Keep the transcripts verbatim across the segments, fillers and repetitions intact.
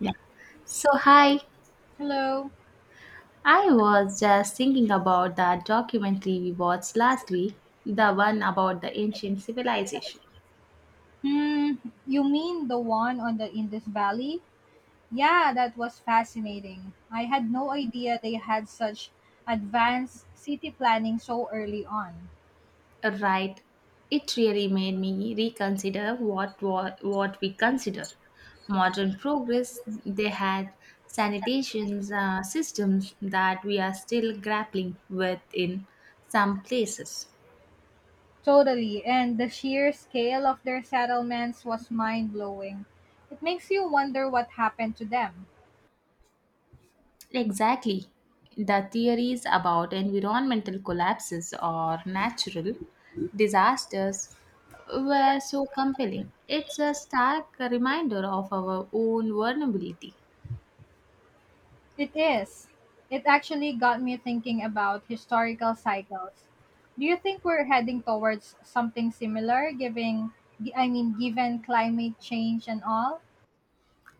Yeah. So, hi. Hello. I was just thinking about that documentary we watched last week, the one about the ancient civilization. Hmm, you mean the one on the Indus Valley? Yeah, that was fascinating. I had no idea they had such advanced city planning so early on. Right. It really made me reconsider what what, what we consider modern progress. They had sanitation uh, systems that we are still grappling with in some places. Totally, and the sheer scale of their settlements was mind blowing. It makes you wonder what happened to them. Exactly. The theories about environmental collapses or natural disasters were so compelling. It's a stark reminder of our own vulnerability. It is. It actually got me thinking about historical cycles. Do you think we're heading towards something similar giving I mean given climate change and all?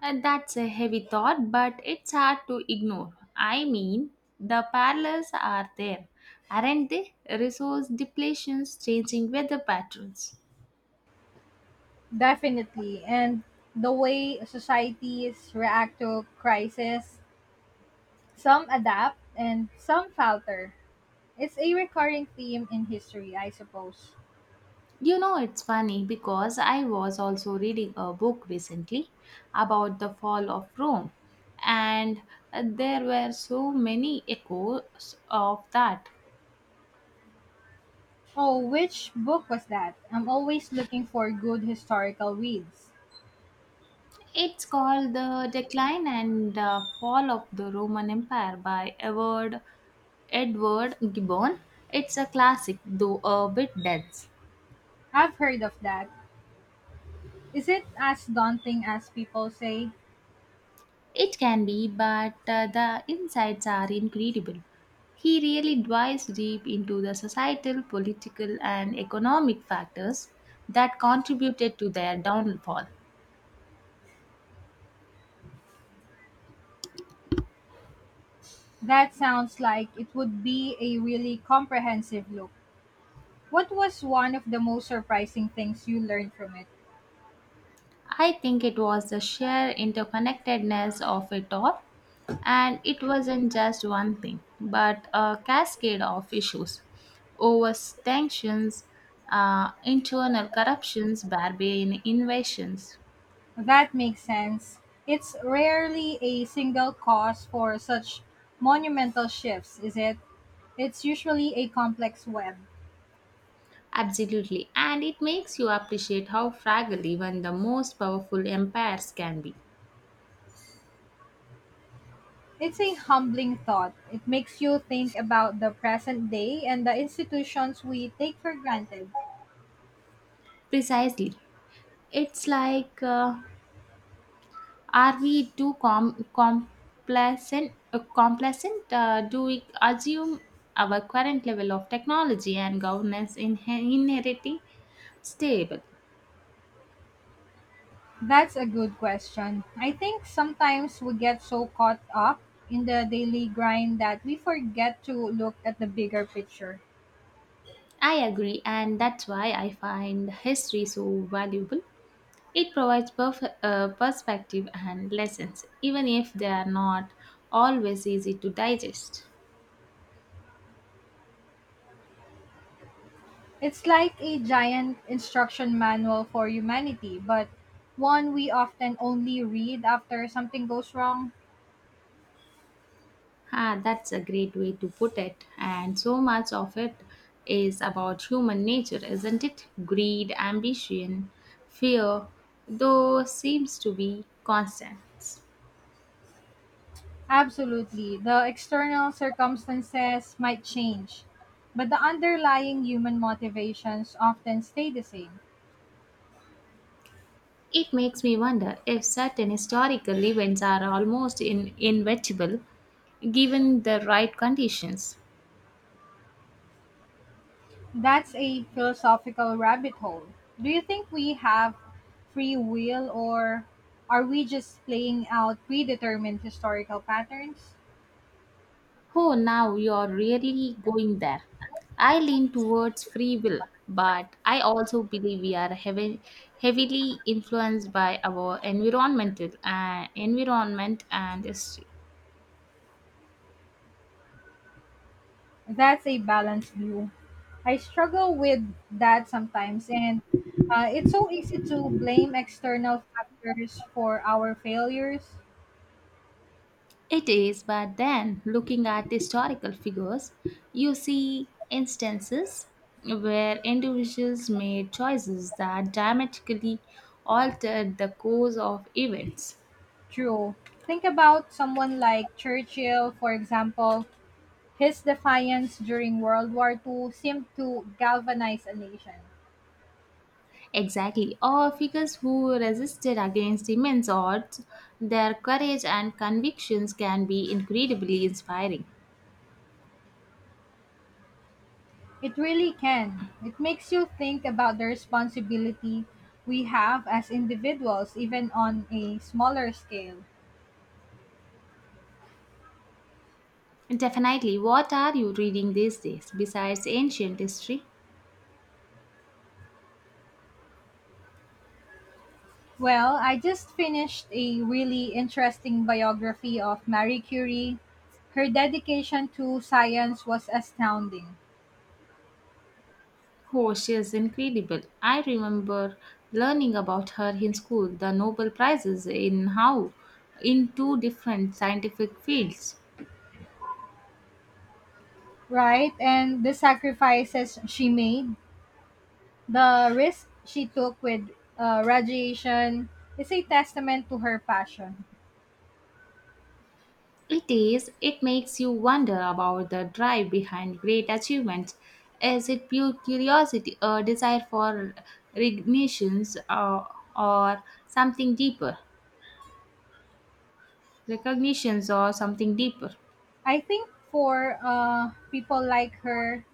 And that's a heavy thought, but it's hard to ignore. I mean, the parallels are there, aren't they? Resource depletions, changing weather patterns. Definitely. And the way societies react to crisis, some adapt and some falter. It's a recurring theme in history, I suppose. You know, it's funny because I was also reading a book recently about the fall of Rome, and uh, there were so many echoes of that. Oh, which book was that? I'm always looking for good historical reads. It's called The Decline and uh, Fall of the Roman Empire by Edward, Edward Gibbon. It's a classic, though a bit dense. I've heard of that. Is it as daunting as people say? It can be, but uh, the insights are incredible. He really dives deep into the societal, political, and economic factors that contributed to their downfall. That sounds like it would be a really comprehensive look. What was one of the most surprising things you learned from it? I think it was the sheer interconnectedness of it all, and it wasn't just one thing, but a cascade of issues overtensions, uh, internal corruptions, barbarian invasions. That makes sense. It's rarely a single cause for such monumental shifts, is it? It's usually a complex web. Absolutely, and it makes you appreciate how fragile even the most powerful empires can be. It's a humbling thought. It makes you think about the present day and the institutions we take for granted. Precisely. It's like, uh, are we too com- complacent? Uh, complacent? Uh, do we assume our current level of technology and governance in- inherently stable? That's a good question. I think sometimes we get so caught up in the daily grind that we forget to look at the bigger picture. I agree, and that's why I find history so valuable. It provides perf- uh, perspective and lessons, even if they are not always easy to digest. It's like a giant instruction manual for humanity, but one we often only read after something goes wrong. Ah, that's a great way to put it. And so much of it is about human nature, isn't it? Greed, ambition, fear, though seems to be constants. Absolutely, the external circumstances might change, but the underlying human motivations often stay the same. It makes me wonder if certain historical events are almost in- inevitable given the right conditions. That's a philosophical rabbit hole. Do you think we have free will or are we just playing out predetermined historical patterns? Oh, now you're really going there. I lean towards free will, but I also believe we are heavy, heavily influenced by our environmental uh, environment and history. That's a balanced view. I struggle with that sometimes, and uh, it's so easy to blame external factors for our failures. It is, but then looking at historical figures, you see instances where individuals made choices that dramatically altered the course of events. True. Think about someone like Churchill, for example. His defiance during World War Two seemed to galvanize a nation. Exactly. Or figures who resisted against immense odds, their courage and convictions can be incredibly inspiring. It really can. It makes you think about the responsibility we have as individuals, even on a smaller scale. Definitely. What are you reading these days besides ancient history? Well, I just finished a really interesting biography of Marie Curie. Her dedication to science was astounding, Oh, she is incredible. I remember learning about her in school, the Nobel Prizes in how in two different scientific fields. right? And the sacrifices she made, the risk she took with uh, radiation, is a testament to her passion. It is, it makes you wonder about the drive behind great achievements. Is it pure curiosity, a desire for recognitions, or, or something deeper? Recognitions or something deeper. I think for uh, people like her,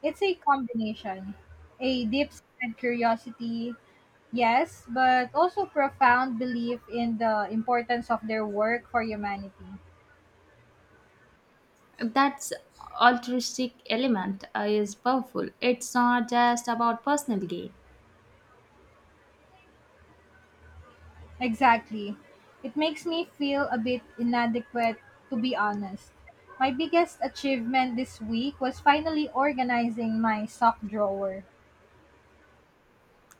it's a combination, a deep-seated curiosity, yes, but also profound belief in the importance of their work for humanity. That's altruistic element uh, is powerful. It's not just about personal gain. Exactly. It makes me feel a bit inadequate, to be honest. My biggest achievement this week was finally organizing my sock drawer.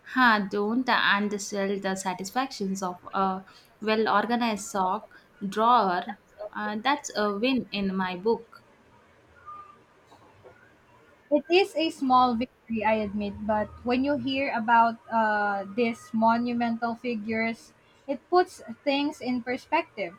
Huh, don't undersell the satisfactions of a well organized sock drawer. Uh, that's a win in my book. It is a small victory, I admit, but when you hear about uh, these monumental figures, it puts things in perspective.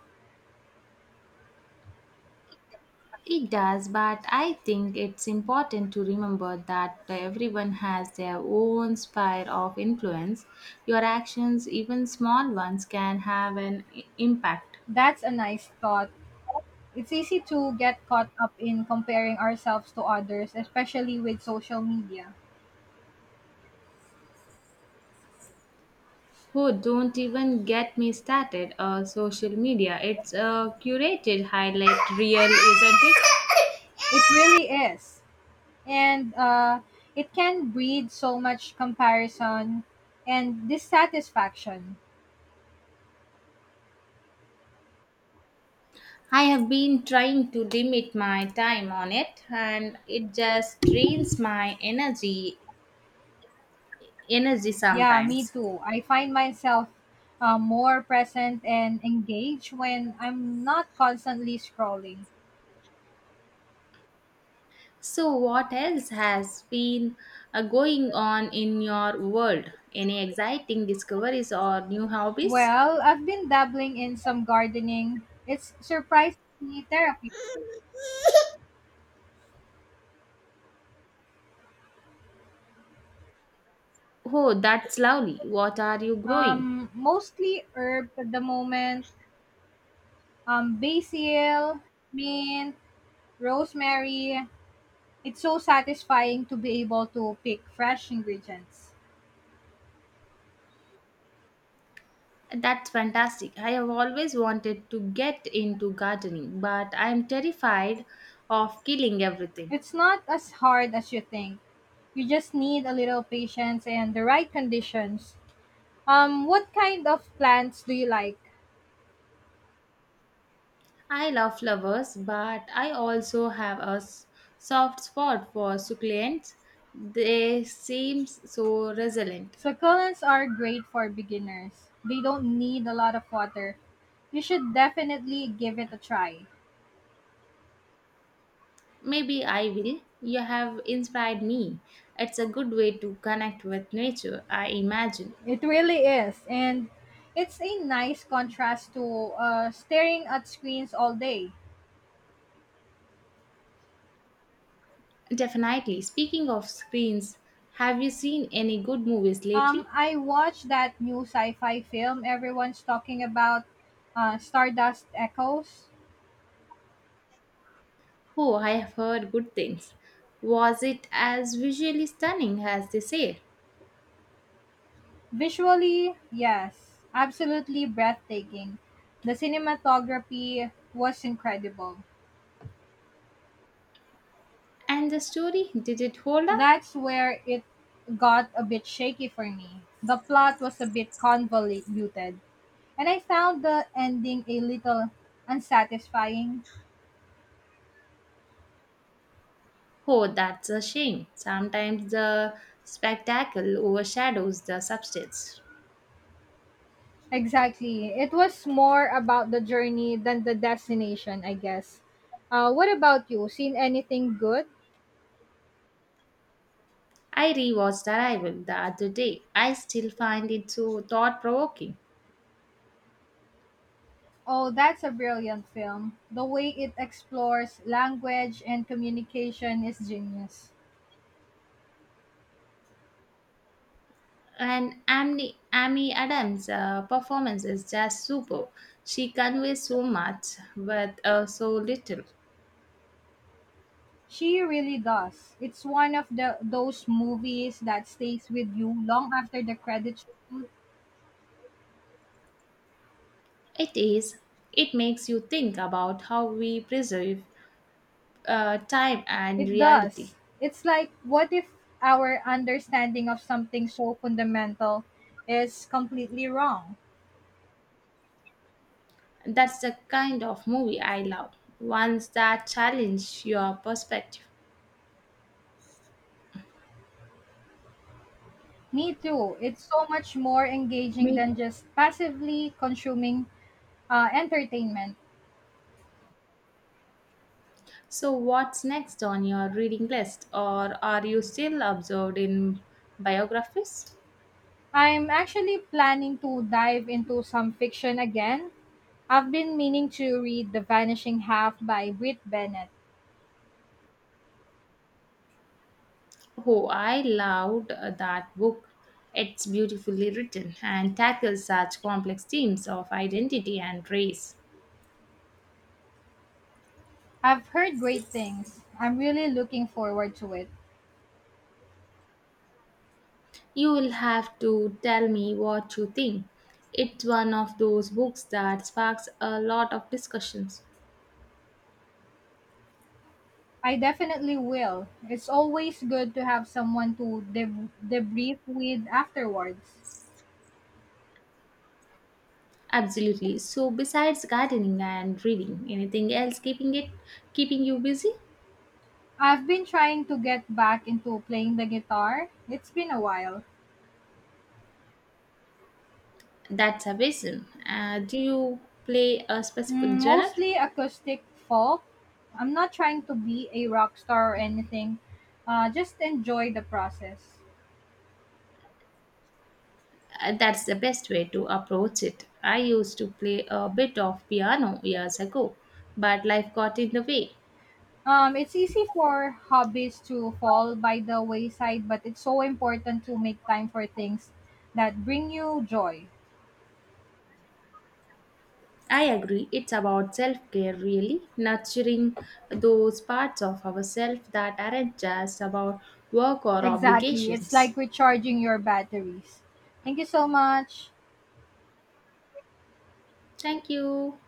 It does, but I think it's important to remember that everyone has their own sphere of influence. Your actions, even small ones, can have an i- impact. That's a nice thought. It's easy to get caught up in comparing ourselves to others, especially with social media. Who don't even get me started on social media. It's a curated highlight reel, isn't it? It really is. And uh, it can breed so much comparison and dissatisfaction. I have been trying to limit my time on it and it just drains my energy energy Yeah, me sometimes. too. I find myself uh, more present and engaged when I'm not constantly scrolling. So, what else has been uh, going on in your world? Any exciting discoveries or new hobbies? Well, I've been dabbling in some gardening. It's surprisingly therapeutic. Oh, that's lovely. What are you growing? Um, mostly herb at the moment. Um, basil, mint, rosemary. It's so satisfying to be able to pick fresh ingredients. That's fantastic. I have always wanted to get into gardening, but I am terrified of killing everything. It's not as hard as you think. You just need a little patience and the right conditions. Um, what kind of plants do you like? I love flowers, but I also have a s- soft spot for succulents. They seem so resilient. Succulents are great for beginners. They don't need a lot of water. You should definitely give it a try. Maybe I will. You have inspired me. It's a good way to connect with nature, I imagine. It really is. And it's a nice contrast to uh, staring at screens all day. Definitely. Speaking of screens, have you seen any good movies lately? Um, I watched that new sci fi film everyone's talking about, uh, Stardust Echoes. Oh, I have heard good things. Was it as visually stunning as they say? Visually, yes, absolutely breathtaking. The cinematography was incredible. And the story, did it hold up? That's where it got a bit shaky for me. The plot was a bit convoluted, and I found the ending a little unsatisfying. Oh, that's a shame. Sometimes the spectacle overshadows the substance. Exactly. It was more about the journey than the destination, I guess. Uh, what about you? Seen anything good? I rewatched Arrival the other day. I still find it so thought provoking. Oh, that's a brilliant film. The way it explores language and communication is genius. And Amy, Amy Adams' uh, performance is just superb. She conveys so much with uh, so little. She really does. It's one of the those movies that stays with you long after the credits. It is. It makes you think about how we preserve uh, time and It reality. does. It's like, what if our understanding of something so fundamental is completely wrong? That's the kind of movie I love. Ones that challenge your perspective. Me too. It's so much more engaging Me. than just passively consuming uh, entertainment. So, what's next on your reading list, or are you still absorbed in biographies? I'm actually planning to dive into some fiction again. I've been meaning to read The Vanishing Half by Britt Bennett. Oh, I loved uh, that book. It's beautifully written and tackles such complex themes of identity and race. I've heard great things. I'm really looking forward to it. You will have to tell me what you think. It's one of those books that sparks a lot of discussions. I definitely will. It's always good to have someone to deb- debrief with afterwards. Absolutely. So besides gardening and reading, anything else keeping it keeping you busy? I've been trying to get back into playing the guitar. It's been a while. That's amazing. Uh, do you play a specific Mm, genre? mostly acoustic folk. I'm not trying to be a rock star or anything. Uh, just enjoy the process. Uh, That's the best way to approach it. I used to play a bit of piano years ago, but life got in the way. Um, it's easy for hobbies to fall by the wayside, but it's so important to make time for things that bring you joy. I agree, it's about self care, really, nurturing those parts of ourselves that aren't just about work or Exactly. It's obligations. like recharging your batteries. Thank you so much. Thank you.